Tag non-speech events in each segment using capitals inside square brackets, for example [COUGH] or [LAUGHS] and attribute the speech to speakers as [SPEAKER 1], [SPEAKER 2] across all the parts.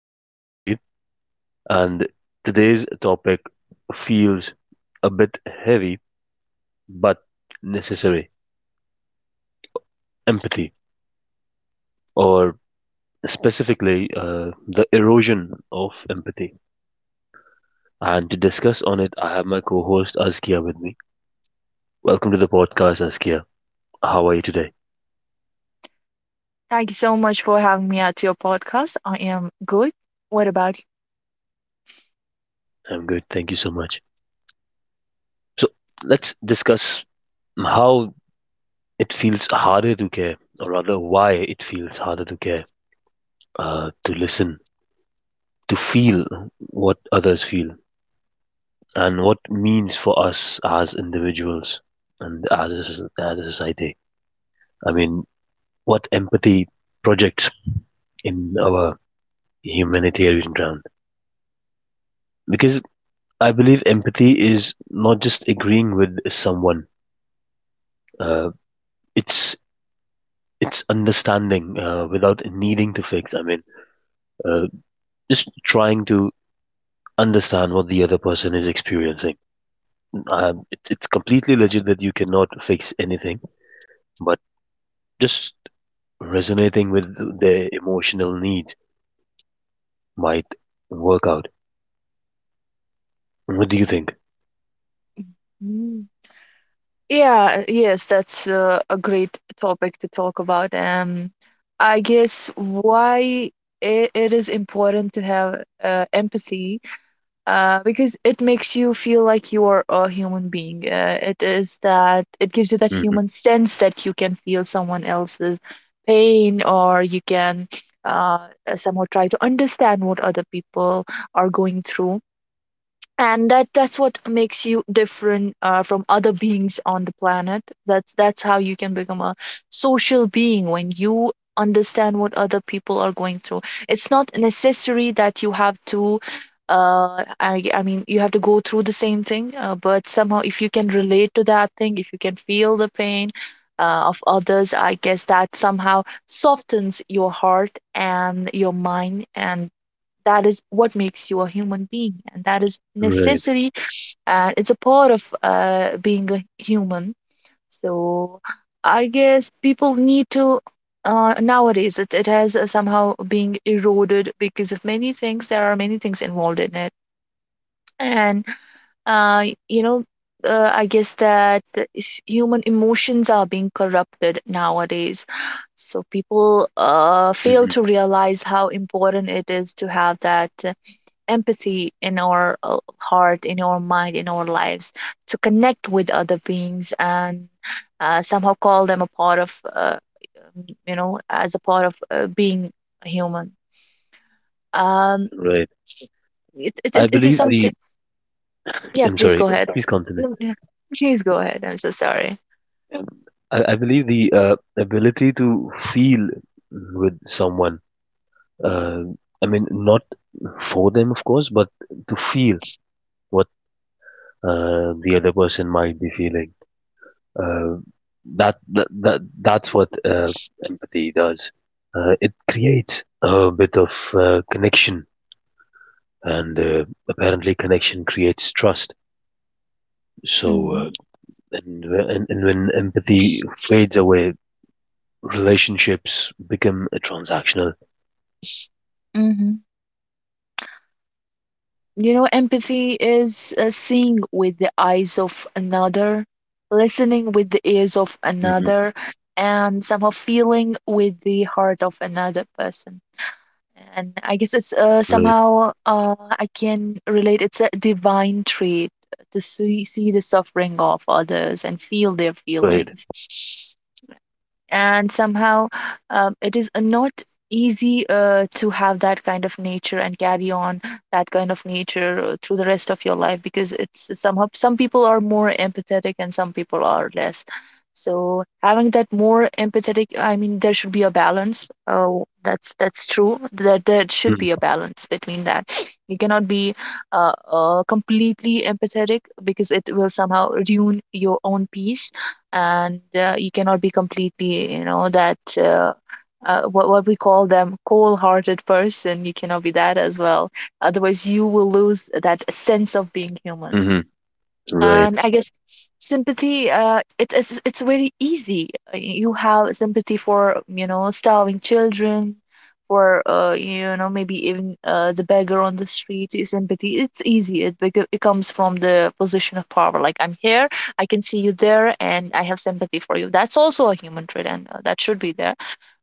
[SPEAKER 1] I'm Navjeet, and today's topic feels a bit heavy but necessary empathy, or specifically the erosion of empathy. And to discuss on it, I have my co host Askia with me. Welcome to the podcast, Askia. How are you today?
[SPEAKER 2] Thank you so much for having me at your podcast. I am good. What about you?
[SPEAKER 1] I'm good, thank you so much. So, let's discuss how it feels harder to care, or rather, why it feels harder to care, to listen to feel what others feel and what means for us as individuals and as a, as a society. I mean, what empathy projects in our humanitarian ground. Because I believe empathy is not just agreeing with someone. Uh, it's it's understanding without needing to fix. I mean, uh, just trying to understand what the other person is experiencing. It's completely legit that you cannot fix anything, but just resonating with their emotional needs might work out. What do you think?
[SPEAKER 2] Mm. Yeah, yes, that's a great topic to talk about. I guess why it is important to have empathy, because it makes you feel like you are a human being. It is that it gives you that
[SPEAKER 1] Mhm.
[SPEAKER 2] human sense that you can feel someone else's pain, or you can uh, somehow try to understand what other people are going through, and that's what makes you different from other beings on the planet. That's how you can become a social being, when you understand what other people are going through. It's not necessary that you have to I mean, you have to go through the same thing, but somehow if you can relate to that thing, if you can feel the pain of others, I guess that somehow softens your heart and your mind, and that is what makes you a human being, and that is
[SPEAKER 1] Right.
[SPEAKER 2] necessary, and it's a part of being a human. So I guess people need to, nowadays it has somehow being eroded because of many things. There are many things involved in it, and, uh, you know I guess that the human emotions are being corrupted nowadays. So people, fail
[SPEAKER 1] Mhm.
[SPEAKER 2] to realize how important it is to have that, empathy in our, heart, in our mind, in our lives, to connect with other beings, and somehow call them a part of, as a part of being human. Um,
[SPEAKER 1] Right.
[SPEAKER 2] it, it,
[SPEAKER 1] I
[SPEAKER 2] it it is
[SPEAKER 1] believe the.
[SPEAKER 2] something. Yeah,
[SPEAKER 1] I'm
[SPEAKER 2] please
[SPEAKER 1] sorry.
[SPEAKER 2] go ahead.
[SPEAKER 1] Please continue.
[SPEAKER 2] No, yeah, please go ahead. I'm so sorry.
[SPEAKER 1] Um, I believe the ability to feel with someone. Uh, I mean, not for them, of course, but to feel what the other person might be feeling. Uh, that's what empathy does. It creates a bit of connection and apparently connection creates trust. So, and, and when empathy fades away, relationships become transactional.
[SPEAKER 2] Mhm. You know, empathy is seeing with the eyes of another, listening with the ears of
[SPEAKER 1] Hmm.
[SPEAKER 2] another, and somehow feeling with the heart of another person. And I guess it's
[SPEAKER 1] Right,
[SPEAKER 2] somehow I can relate. It's a divine trait to see the suffering of others and feel their
[SPEAKER 1] right,
[SPEAKER 2] feelings, and somehow, it is, not easy to have that kind of nature and carry on that kind of nature through the rest of your life, because it's somehow some people are more empathetic and some people are less. So having that more empathetic, I mean, there should be a balance. Oh, that's true. There should
[SPEAKER 1] hmm,
[SPEAKER 2] be a balance between that. [SNIFFS] You cannot be completely empathetic, because it will somehow ruin your own peace. And, you cannot be completely, you know, that, what we call them cold-hearted person. You cannot be that as well, otherwise you will lose that sense of being human.
[SPEAKER 1] hmm, right,
[SPEAKER 2] And I guess sympathy, uh, it's very easy. You have sympathy for, you know, starving children, for, uh, you know, maybe even, uh, the beggar on the street is sympathy. It's easy. It comes from the position of power, like I'm here, I can see you there, and I have sympathy for you. That's also a human trait, and, that should be there.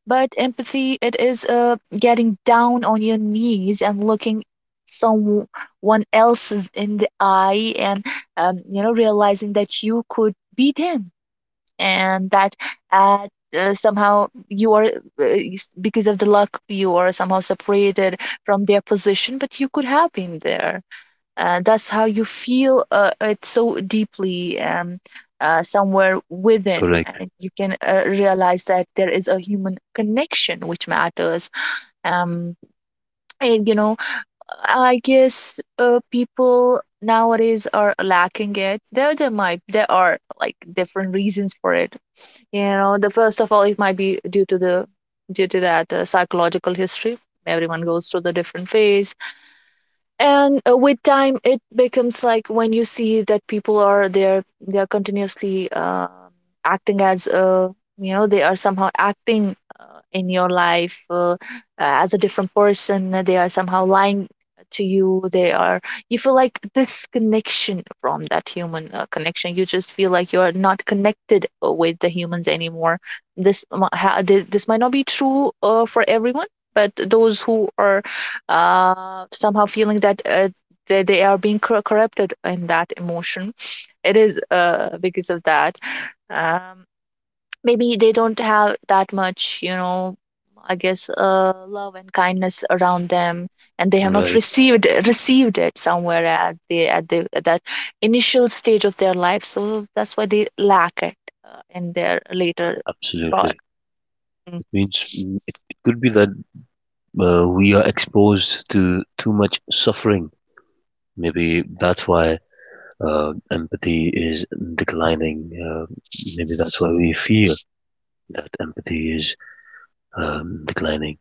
[SPEAKER 2] But empathy, it is, getting down on your knees and looking someone else's in the eye and, you know, realizing that you could be them, and that at, somehow you are, because of the luck you are somehow separated from their position, but you could have been there. Uh, that's how you feel, it so deeply, somewhere within,
[SPEAKER 1] correct,
[SPEAKER 2] and you can, realize that there is a human connection which matters. Um, and, you know, I guess, people nowadays are lacking it. There are like different reasons for it. You know, the first of all, it might be due to the due to that, psychological history. Everyone goes through the different phase, and, with time it becomes like when you see that people are there, they are continuously, acting as, you know, they are somehow acting, in your life, as a different person, they are somehow lying to you, they are, you feel like disconnection from that human, connection. You just feel like you are not connected, with the humans anymore. This mi- ha- thi- this might not be true, for everyone, but those who are, somehow feeling that, they are being corrupted in that emotion. It is, because of that. Um, maybe they don't have that much, you know, I guess, love and kindness around them, and they have not
[SPEAKER 1] right,
[SPEAKER 2] received it somewhere at the at the at that initial stage of their life. So that's why they lack it, in their later part.
[SPEAKER 1] absolutely.
[SPEAKER 2] Mm.
[SPEAKER 1] It means it could be that we are exposed to too much suffering. Maybe that's why empathy is declining. Maybe that's why we feel that empathy is declining.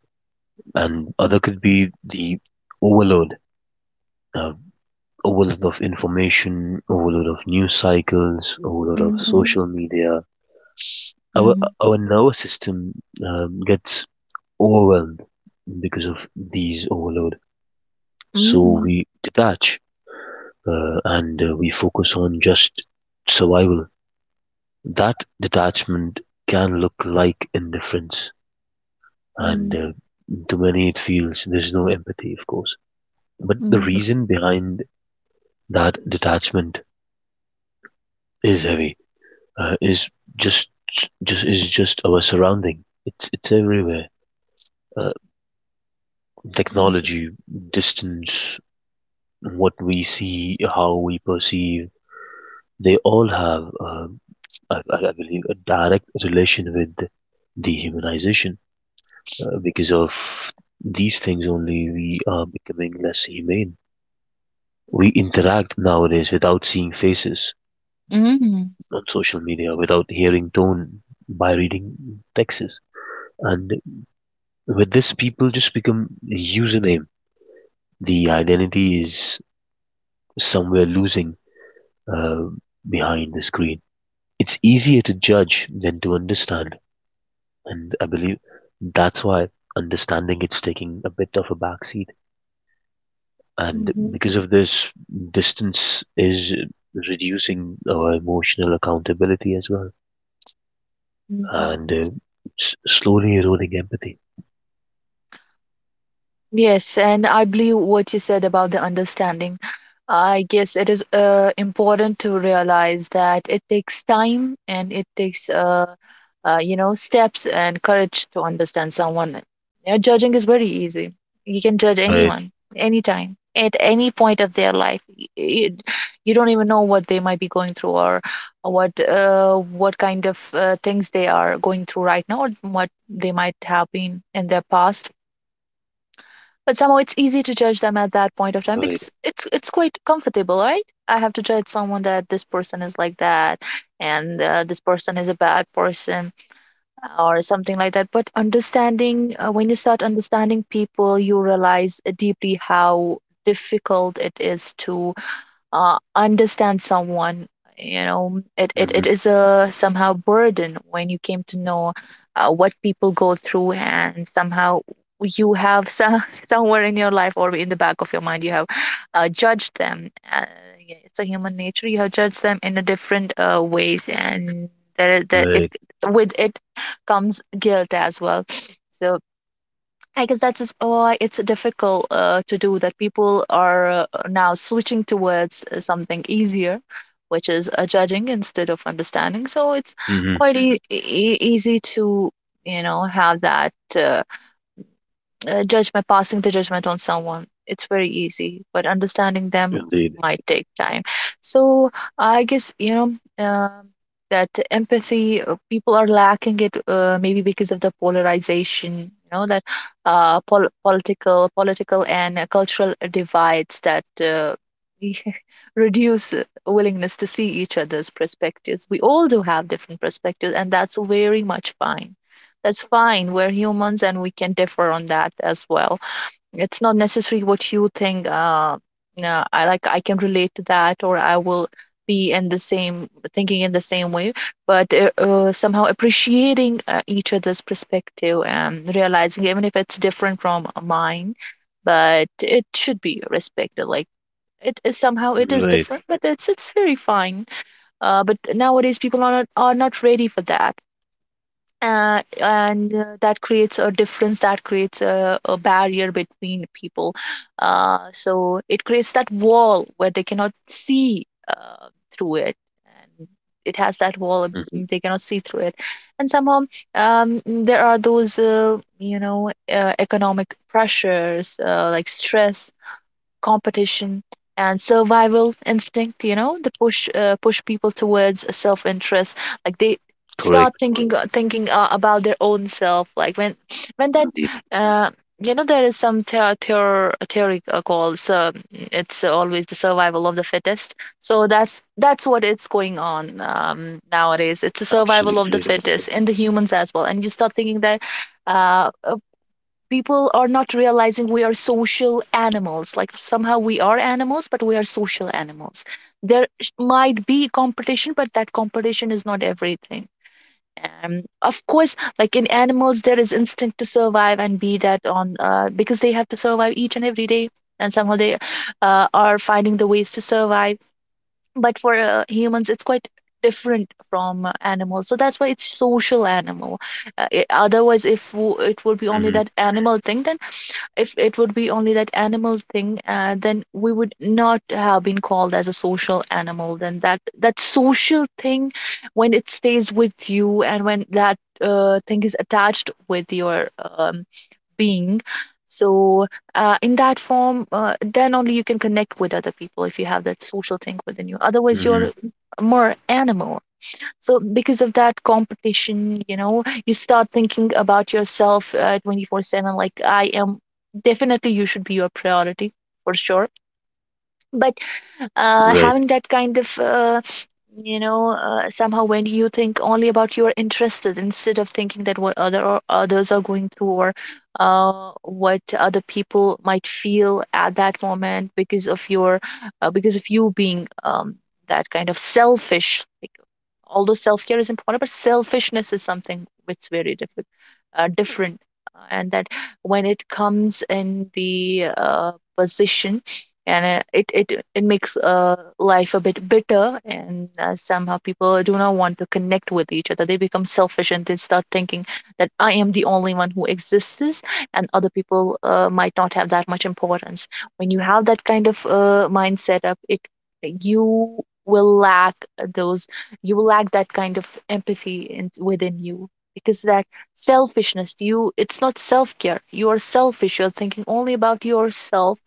[SPEAKER 1] And other could be the overload, uh, overload of information, overload of news cycles, overload of
[SPEAKER 2] Mhm.
[SPEAKER 1] social media. Our
[SPEAKER 2] Mhm.
[SPEAKER 1] our nervous system gets overwhelmed because of these overload, so
[SPEAKER 2] Mhm.
[SPEAKER 1] we detach and we focus on just survival. That detachment can look like indifference, and to many it feels there's no empathy, of course. But the
[SPEAKER 2] Mhm.
[SPEAKER 1] reason behind that detachment is heavy, uh, is just is just our surrounding. It's everywhere. Uh,
[SPEAKER 2] Mhm.
[SPEAKER 1] technology, distance, what we see, how we perceive, they all have, I believe, a direct relation with dehumanization. Because of these things only, we are becoming less humane. We interact nowadays without seeing faces
[SPEAKER 2] Hmm.
[SPEAKER 1] on social media, without hearing tone, by reading texts. And with this, people just become a username. The identity is somewhere losing uh, behind the screen. It's easier to judge than to understand, and I believe that's why understanding it's taking a bit of a backseat. And
[SPEAKER 2] Mhm,
[SPEAKER 1] because of this, distance is reducing our emotional accountability as well,
[SPEAKER 2] mhm.
[SPEAKER 1] and slowly eroding empathy.
[SPEAKER 2] Yes, and I believe what you said about the understanding. I guess it is, important to realize that it takes time, and it takes you know, steps and courage to understand someone. You judging is very easy. You can judge
[SPEAKER 1] Right,
[SPEAKER 2] anyone, anytime, at any point of their life. You don't even know what they might be going through, or what, what kind of, things they are going through right now, or what they might have been in their past. But somehow it's easy to judge them at that point of time
[SPEAKER 1] right,
[SPEAKER 2] because it's quite comfortable, right? I have to judge someone that this person is like that, and, this person is a bad person or something like that. But understanding, when you start understanding people, you realize deeply how difficult it is to, understand someone. You know, it
[SPEAKER 1] hmm,
[SPEAKER 2] is a somehow burden when you came to know, what people go through, and somehow you have some, [LAUGHS] somewhere in your life or in the back of your mind, you have, judged them, yeah, it's a human nature. You have judged them in a different, ways, and there it
[SPEAKER 1] right,
[SPEAKER 2] with it comes guilt as well. So I guess that's just why it's difficult, to do that. People are, now switching towards, something easier, which is, judging instead of understanding. So it's
[SPEAKER 1] hmm,
[SPEAKER 2] quite easy to, you know, have that, judge, my passing the judgment on someone. It's very easy, but understanding them
[SPEAKER 1] indeed,
[SPEAKER 2] might take time. So I guess, you know, um, that empathy, people are lacking it, maybe because of the polarization. You know that, political and, cultural divides that, [LAUGHS] reduce, willingness to see each other's perspectives. We all do have different perspectives, and that's very much fine. That's fine. We're humans and we can differ on that as well. It's not necessary what you think. No, I like I can relate to that, or I will be in the same thinking in the same way. But somehow appreciating, each other's perspective, and realizing even if it's different from mine, but it should be respected. Like, it is somehow it is
[SPEAKER 1] right.
[SPEAKER 2] different, but it's very fine. But nowadays people are not ready for that, and, that creates a difference. That creates a barrier between people, so it creates that wall where they cannot see, through it, and it has that wall of,
[SPEAKER 1] Hmm.
[SPEAKER 2] they cannot see through it, and somehow, there are those, you know, economic pressures, like stress, competition, and survival instinct. You know, the push, people towards self interest, like they start
[SPEAKER 1] Correct,
[SPEAKER 2] thinking, about their own self. Like when that,
[SPEAKER 1] indeed.
[SPEAKER 2] uh, you know, there is some theory, called, so it's always the survival of the fittest. So that's what it's going on, nowadays. It's the survival of the
[SPEAKER 1] Absolutely.
[SPEAKER 2] fittest in the humans as well, and you start thinking that, uh, people are not realizing we are social animals. Like, somehow we are animals, but we are social animals. Might be competition, but that competition is not everything. Um, of course, like in animals, there is instinct to survive and be that on, because they have to survive each and every day, and somehow they, are finding the ways to survive. But for, humans it's quite different from, animals, so that's why it's social animal. Otherwise, if it would be only
[SPEAKER 1] Mhm.
[SPEAKER 2] that animal thing, then if it would be only that animal thing, then we would not have been called as a social animal. Then that social thing, when it stays with you and when that thing is attached with your being, so in that form, then only you can connect with other people if you have that social thing within you. Otherwise, you're
[SPEAKER 1] Mhm.
[SPEAKER 2] more animal. So, because of that competition, you know, you start thinking about yourself 24/7. Like, I am definitely, you should be your priority for sure. But
[SPEAKER 1] Right,
[SPEAKER 2] having that kind of, somehow when you think only about your interests instead of thinking that what other or others are going through or what other people might feel at that moment because of your, because of you being that kind of selfish, although self care is important, but selfishness is something which is very different. And that when it comes in the position, and it makes life a bit bitter, and somehow people do not want to connect with each other. They become selfish and they start thinking that I am the only one who exists, and other people might not have that much importance. When you have that kind of mindset up, it you will lack those you will lack that kind of empathy within you because that selfishness, you it's not self-care, you are selfish, you're thinking only about yourself.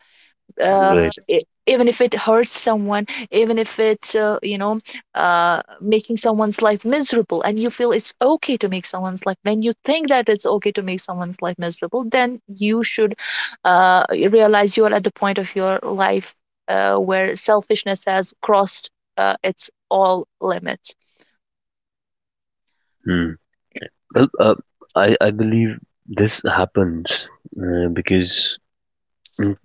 [SPEAKER 2] uh,
[SPEAKER 1] right.
[SPEAKER 2] e- Even if it hurts someone, even if it's making someone's life miserable and you feel it's okay to make someone's life when you think that it's okay to make someone's life miserable, then you should realize you are at the point of your life where selfishness has crossed its all limits.
[SPEAKER 1] Mm. Well, I believe this happens because mm,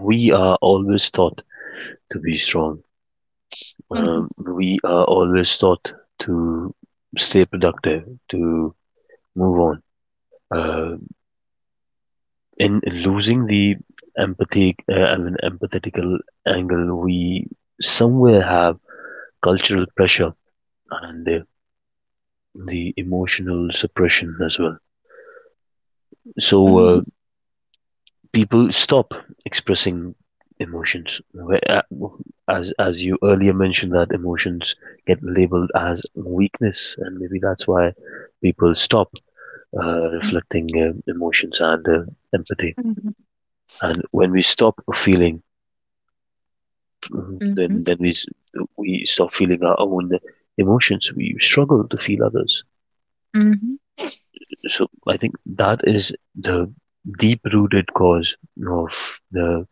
[SPEAKER 1] we are always taught to be strong.
[SPEAKER 2] Mhm,
[SPEAKER 1] We are always taught to stay productive, to move on. Uh, in losing the empathy, I mean, empathetical angle, we somewhere have cultural pressure, and the emotional suppression as well. So
[SPEAKER 2] mhm,
[SPEAKER 1] people stop expressing emotions. uh, as you earlier mentioned, that emotions get labeled as weakness, and maybe that's why people stop reflecting emotions and empathy.
[SPEAKER 2] mhm,
[SPEAKER 1] And when we stop feeling, mhm, then
[SPEAKER 2] mhm,
[SPEAKER 1] then we s- we stop feeling our own emotions. We struggle to feel others.
[SPEAKER 2] mhm,
[SPEAKER 1] So I think that is the deep rooted cause of the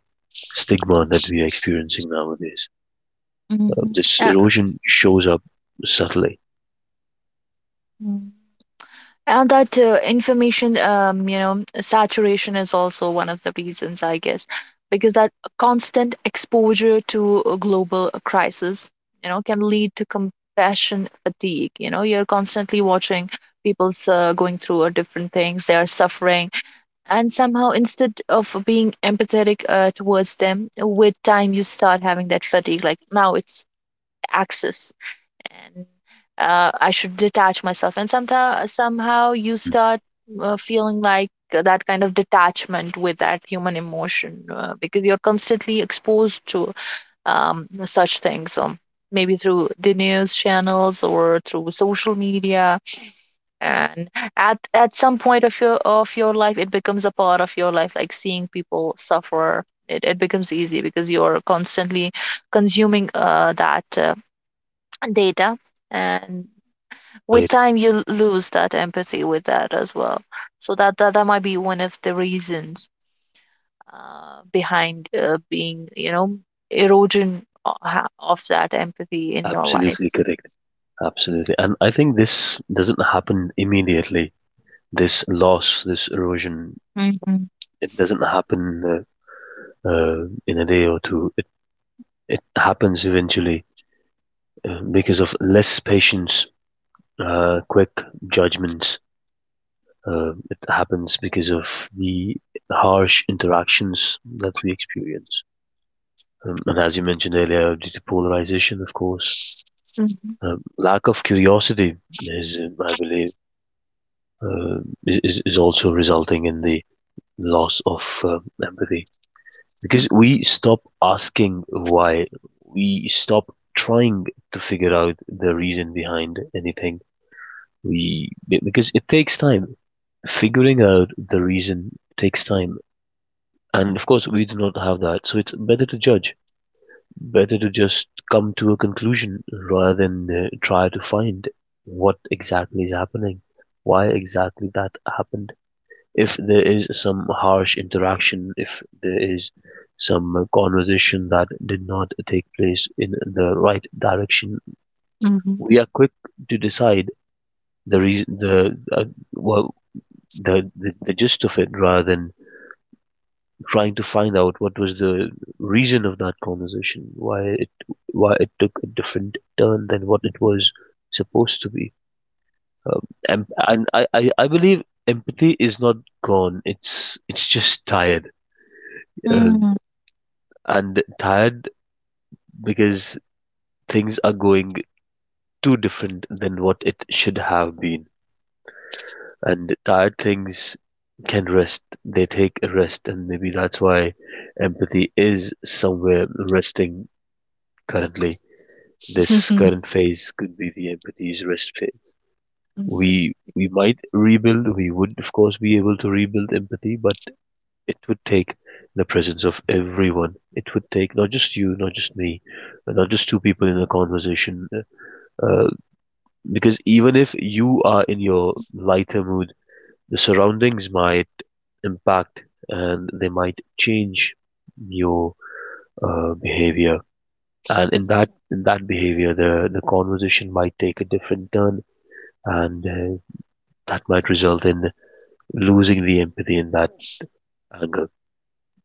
[SPEAKER 1] stigma that we are experiencing nowadays.
[SPEAKER 2] mhm.
[SPEAKER 1] This
[SPEAKER 2] Uh,
[SPEAKER 1] erosion shows up subtly.
[SPEAKER 2] mm. And that information, saturation is also one of the reasons, I guess, because that constant exposure to a global crisis, you know, can lead to compassion fatigue. You know, you're constantly watching people's going through different things, they are suffering, and somehow instead of being empathetic towards them, with time you start having that fatigue. Like now, it's access, and I should detach myself, and somehow you
[SPEAKER 1] Mm-hmm.
[SPEAKER 2] start feeling like that kind of detachment with that human emotion because you're constantly exposed to such things, maybe through the news channels or through social media, and at some point of your life, it becomes a part of your life. Like seeing people suffer, it becomes easy because you're constantly consuming that data. And with
[SPEAKER 1] Right.
[SPEAKER 2] time you lose that empathy with that as well, so that might be one of the reasons behind, being you know, of that empathy in your life.
[SPEAKER 1] Absolutely correct. Absolutely. And I think this doesn't happen immediately. This loss, this erosion,
[SPEAKER 2] Mhm,
[SPEAKER 1] it doesn't happen in a day or two. It happens eventually because of less patience, quick judgments. It happens because of the harsh interactions that we experience. And as you mentioned earlier, due to polarization, of course,
[SPEAKER 2] mhm,
[SPEAKER 1] lack of curiosity is, I believe, uh, is also resulting in the loss of empathy because
[SPEAKER 2] mhm,
[SPEAKER 1] we stop asking why, we stop trying to figure out the reason behind anything. We because it takes time. Figuring out the reason takes time. And of course, we do not have that. So it's better to judge, better to just come to a conclusion rather than try to find what exactly is happening, why exactly that happened. If there is some harsh interaction, if there is some conversation that did not take place in the right direction,
[SPEAKER 2] mhm,
[SPEAKER 1] we are quick to decide the reason, the well, the gist of it rather than trying to find out what was the reason of that conversation, why it took a different turn than what it was supposed to be. Um, and I believe empathy is not gone. It's just tired uh,
[SPEAKER 2] mhm,
[SPEAKER 1] and tired because things are going too different than what it should have been. And tired things can rest. They take a rest, and maybe that's why empathy is somewhere resting currently this
[SPEAKER 2] [LAUGHS]
[SPEAKER 1] current phase could be the empathy's rest phase.
[SPEAKER 2] mhm,
[SPEAKER 1] We might rebuild, we would of course be able to rebuild empathy, but it would take the presence of everyone. It would take not just you, not just me, not just two people in a conversation. Uh, because even if you are in your lighter mood, the surroundings might impact and they might change your behavior. And in that behavior, the conversation might take a different turn and that might result in losing the empathy in that angle.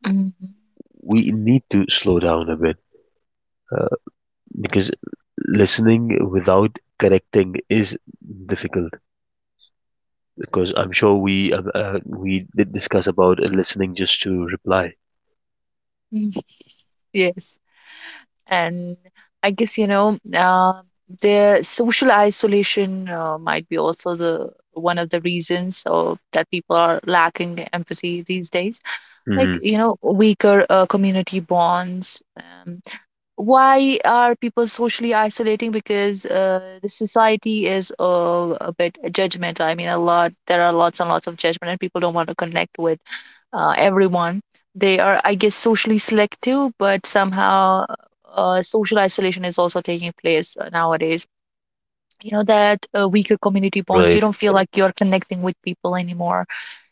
[SPEAKER 2] mhm,
[SPEAKER 1] We need to slow down a bit uh, because listening without correcting is difficult. Because I'm sure we did discuss about listening just to reply.
[SPEAKER 2] mhm. Yes, and I guess, you know, their social isolation might be also the one of the reasons of that people are lacking empathy these days, like,
[SPEAKER 1] Hmm,
[SPEAKER 2] you know, weaker community bonds. Why are people socially isolating? Because the society is a bit judgmental, I mean, a lot there are lots and lots of judgment, and people don't want to connect with everyone. They are, I guess, socially selective, but somehow social isolation is also taking place nowadays. You know, that weaker community bonds, you
[SPEAKER 1] right,
[SPEAKER 2] don't feel like you're connecting with people anymore,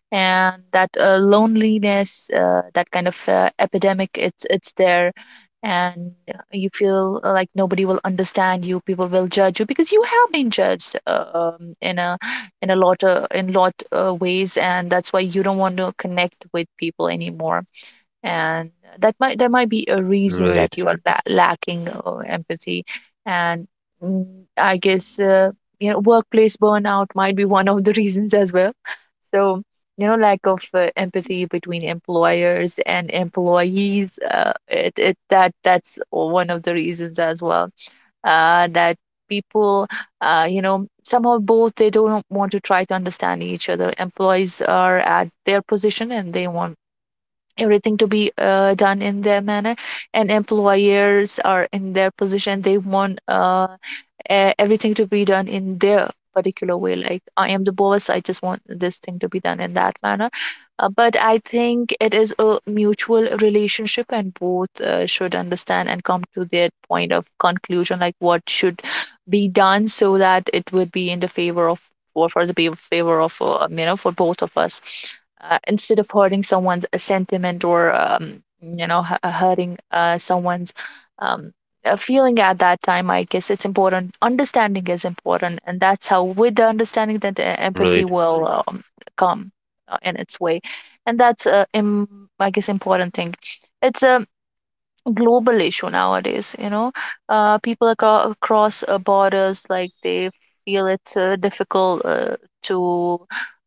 [SPEAKER 2] and that loneliness, that kind of epidemic, it's there, and you feel like nobody will understand you. People will judge you because you have been judged in a lot of in lot ways, and that's why you don't want to connect with people anymore, and that might there might be a reason
[SPEAKER 1] right,
[SPEAKER 2] that you are lacking empathy. And mm, I guess, you know, workplace burnout might be one of the [LAUGHS] reasons as well. So, you know, lack of empathy between employers and employees, it, it that that's one of the reasons as well, that people, you know, somehow both, they don't want to try to understand each other. Employees are at their position and they want everything to be done in their manner, and employers are in their position, they want everything to be done in their particular way. Like, I am the boss, I just want this thing to be done in that manner. But I think it is a mutual relationship, and both should understand and come to their point of conclusion, like what should be done so that it would be in the favor of, for the favor of, you know, for both of us, instead of hurting someone's sentiment, or, you know, hurting someone's um, feeling at that time. I guess it's important. Understanding is important, and that's how, with the understanding, that the empathy
[SPEAKER 1] right,
[SPEAKER 2] will come in its way, and that's I guess important thing. It's a global issue nowadays, you know. People across borders, like, they feel it's difficult to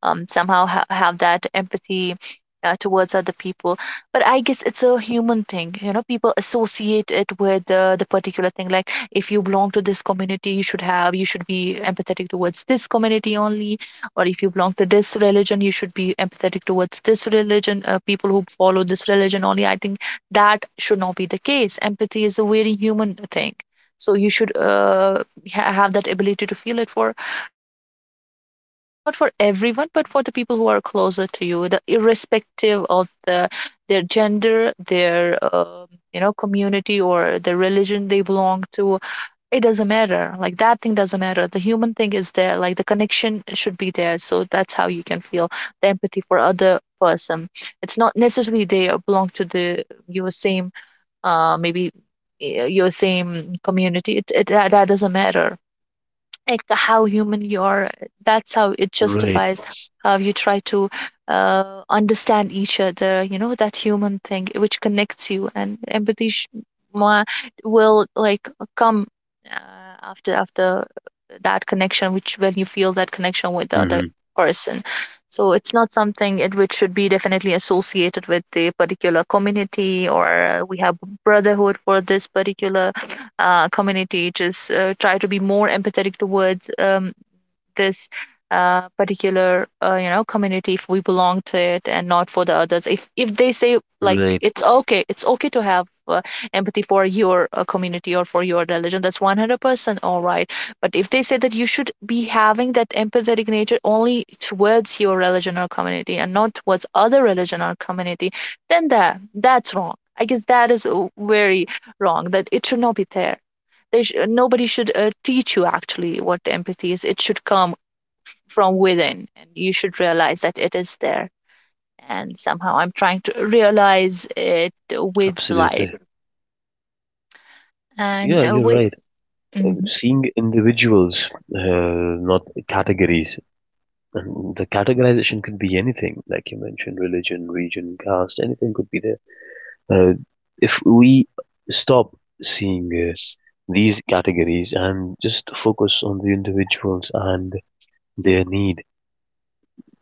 [SPEAKER 2] somehow have that empathy towards other people. But I guess it's a human thing, you know. People associate it with the particular thing, like, if you belong to this community, you should be empathetic towards this community only, or if you belong to this religion, you should be empathetic towards this religion, people who follow this religion only. I think that should not be the case. Empathy is a very human thing, so you should have that ability to feel it for, you
[SPEAKER 1] right,
[SPEAKER 2] know, maybe not for everyone, but for the people who are closer to you, the irrespective of the their gender, their, you know, community, or the religion they belong to. It doesn't matter. Like, that thing doesn't matter. The human thing is there. Like, the connection should be there. So that's how you can feel the empathy for other person. It's not necessarily they are belong to the your same maybe your same community. It that, that doesn't matter. Like, how human you are, that's how it
[SPEAKER 1] right,
[SPEAKER 2] justifies how you try to understand each other, you know, that human thing which connects you, and empathy ma- will like come after that connection, which when you feel that connection with the other
[SPEAKER 1] hmm,
[SPEAKER 2] person. So it's not something which should be definitely associated with the particular community, or we have brotherhood for this particular community, just try to be more empathetic towards, this particular, you know, community if we belong to it, and not for the others. If they say like,
[SPEAKER 1] right,
[SPEAKER 2] it's okay, it's okay to have empathy for your community or for your religion, that's 100% all right. But if they say that you should be having that empathetic nature only towards your religion or community and not towards other religion or community, then that's wrong. I guess that is very wrong, that it should not be there. Nobody should teach you
[SPEAKER 1] right.
[SPEAKER 2] actually what empathy is. It should come from within, and you should realize that it is there. And somehow I'm trying to realize it with life,
[SPEAKER 1] Absolutely.
[SPEAKER 2] and
[SPEAKER 1] Yeah, you're
[SPEAKER 2] with
[SPEAKER 1] right.
[SPEAKER 2] [LAUGHS]
[SPEAKER 1] Seeing individuals, not categories. And the categorization could be anything, like you mentioned, religion, region, caste, anything could be there. Uh, if we stop seeing these categories and just focus on the individuals and their need,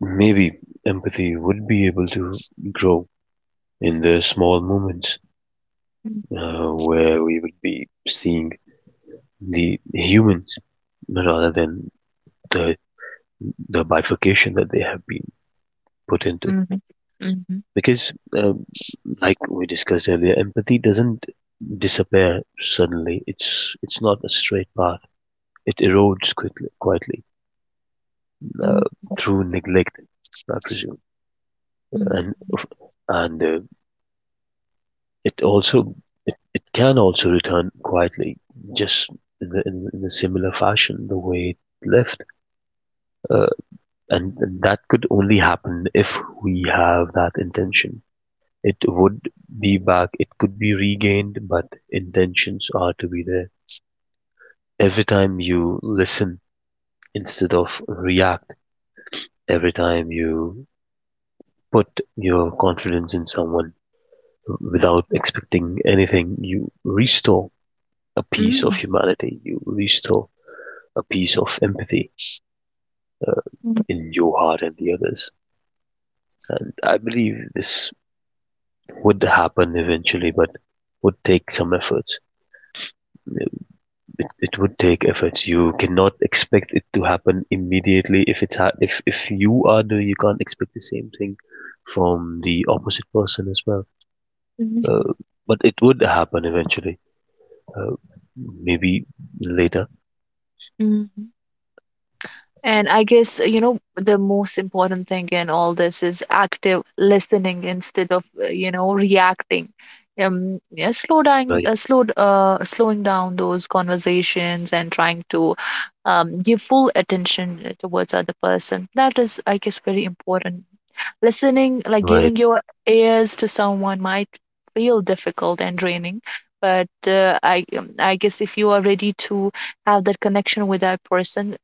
[SPEAKER 1] maybe empathy would be able to grow in the small moments where we would be seeing the humans rather than the the bifurcation that they have been put into.
[SPEAKER 2] Mhm, mhm, mhm,
[SPEAKER 1] Because like we discussed earlier, empathy doesn't disappear suddenly. It's not a straight path. It erodes quickly, quietly uh,
[SPEAKER 2] mhm,
[SPEAKER 1] through neglect, I presume, and and uh, it also it can also return quietly, just in the, in a similar fashion the way it left, uh, and that could only happen if we have that intention. It would be back. It could be regained, but intentions are to be there. Every time you listen instead of react, every time you put your confidence in someone without expecting anything, you restore a piece of
[SPEAKER 2] mhm,
[SPEAKER 1] humanity, you restore a piece of empathy
[SPEAKER 2] mhm,
[SPEAKER 1] in your heart and the others. And I believe this would happen eventually, but would take some efforts. It would take efforts. You cannot expect it to happen immediately. If it's ha- If you are doing, you can't expect the same thing from the opposite person as well. Uh,
[SPEAKER 2] mhm,
[SPEAKER 1] but it would happen eventually. Uh, maybe later.
[SPEAKER 2] mhm, mhm. And I guess, you know, the most important thing in all this is active listening instead of, you know, reacting. Yeah, slow down,
[SPEAKER 1] Right.
[SPEAKER 2] slowing down those conversations and trying to give full attention towards other person. That is, I guess, very important. Listening, like
[SPEAKER 1] Right.
[SPEAKER 2] giving your ears to someone might feel difficult and draining, but I guess if you are ready to have that connection with that person,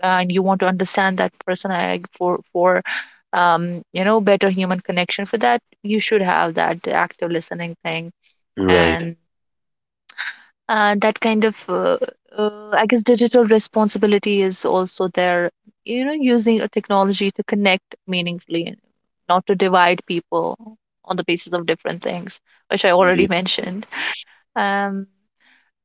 [SPEAKER 2] and you want to understand that person, for you know, better human connection. For that, you should have that active listening thing,
[SPEAKER 1] Right.
[SPEAKER 2] and that kind of I guess digital responsibility is also there. You know, using a technology to connect meaningfully, and not to divide people on the basis of different things, which I already [LAUGHS]
[SPEAKER 1] Indeed.
[SPEAKER 2] mentioned. Um,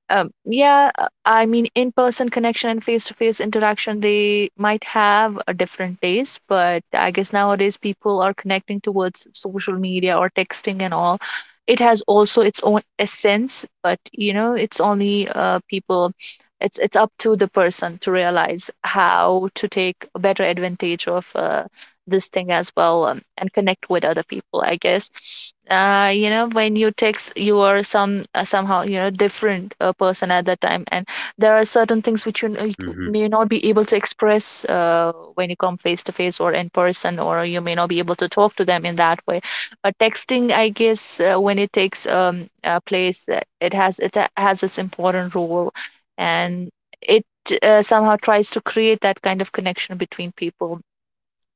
[SPEAKER 2] yeah, I mean, in-person connection and face-to-face interaction, they might have a different taste, but I guess nowadays people are connecting towards social media or texting and all. It has also its own essence, but you know, it's only people, it's up to the person to realize how to take better advantage of this thing as well, and connect with other people. I guess, you know, when you text, you are somehow, you know, different person at that time, and there are certain things which you
[SPEAKER 1] Hmm.
[SPEAKER 2] may not be able to express when you come face to face or in person, or you may not be able to talk to them in that way. But texting, I guess, when it takes place, it has its important role, and it somehow tries to create that kind of connection between people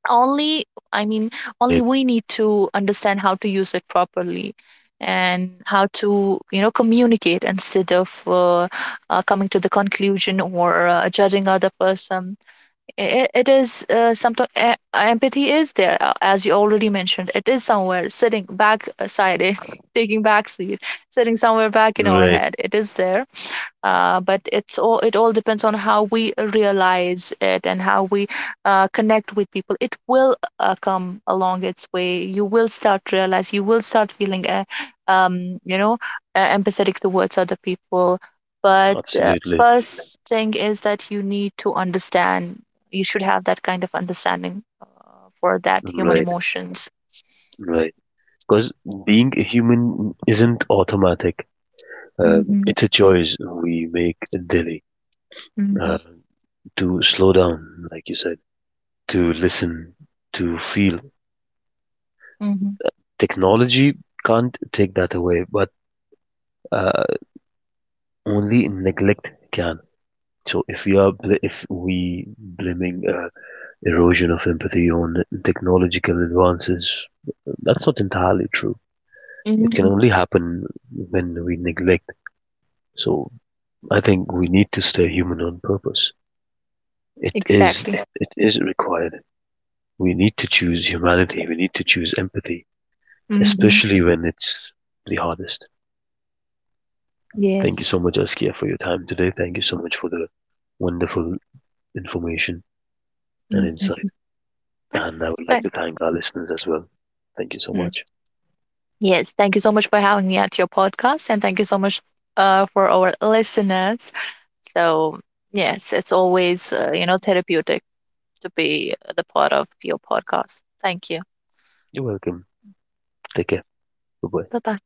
[SPEAKER 2] only, I mean, only
[SPEAKER 1] Right.
[SPEAKER 2] we need to understand how to use it properly, and how to, you know, communicate instead of coming to the conclusion or judging other person. It is, sometimes empathy is there, as you already mentioned, it is somewhere sitting back side [LAUGHS] taking back seat, sitting somewhere back in our
[SPEAKER 1] Right.
[SPEAKER 2] head, it is there. But it's all, it all depends on how we realize it, and how we connect with people. It will come along its way. You will start feeling you know, empathetic towards other people, but
[SPEAKER 1] Absolutely.
[SPEAKER 2] first thing is that you need to understand, you should have that kind of understanding for that human
[SPEAKER 1] Right.
[SPEAKER 2] emotions.
[SPEAKER 1] Right. Because being a human isn't automatic.
[SPEAKER 2] mm-hmm.
[SPEAKER 1] It's a choice we make daily uh,
[SPEAKER 2] Mm-hmm.
[SPEAKER 1] to slow down, like you said to listen, to feel.
[SPEAKER 2] Mm-hmm.
[SPEAKER 1] Technology can't take that away, but uh, only neglect can. So if we are bl- if we blaming erosion of empathy on technological advances, that's not entirely true. It can
[SPEAKER 2] Mm-hmm.
[SPEAKER 1] only happen when we neglect. So I think we need to stay human on purpose. It is
[SPEAKER 2] Exactly.
[SPEAKER 1] it is required. We need to choose humanity. We need to choose empathy,
[SPEAKER 2] Mm-hmm.
[SPEAKER 1] especially when it's the hardest. Thank you so
[SPEAKER 2] Yes.
[SPEAKER 1] much, Askia, for your time today. Thank you so much for the wonderful information and insight.
[SPEAKER 2] Mm-hmm.
[SPEAKER 1] And I would like to thank our listeners as well. Thank you so
[SPEAKER 2] Mm,
[SPEAKER 1] much.
[SPEAKER 2] Yes, thank you so much for having me at your podcast, and thank you so much for our listeners. So, yes, it's always you know, therapeutic to be the part of your podcast. Thank you.
[SPEAKER 1] You're welcome. Take care. Bye bye.
[SPEAKER 2] Bye bye.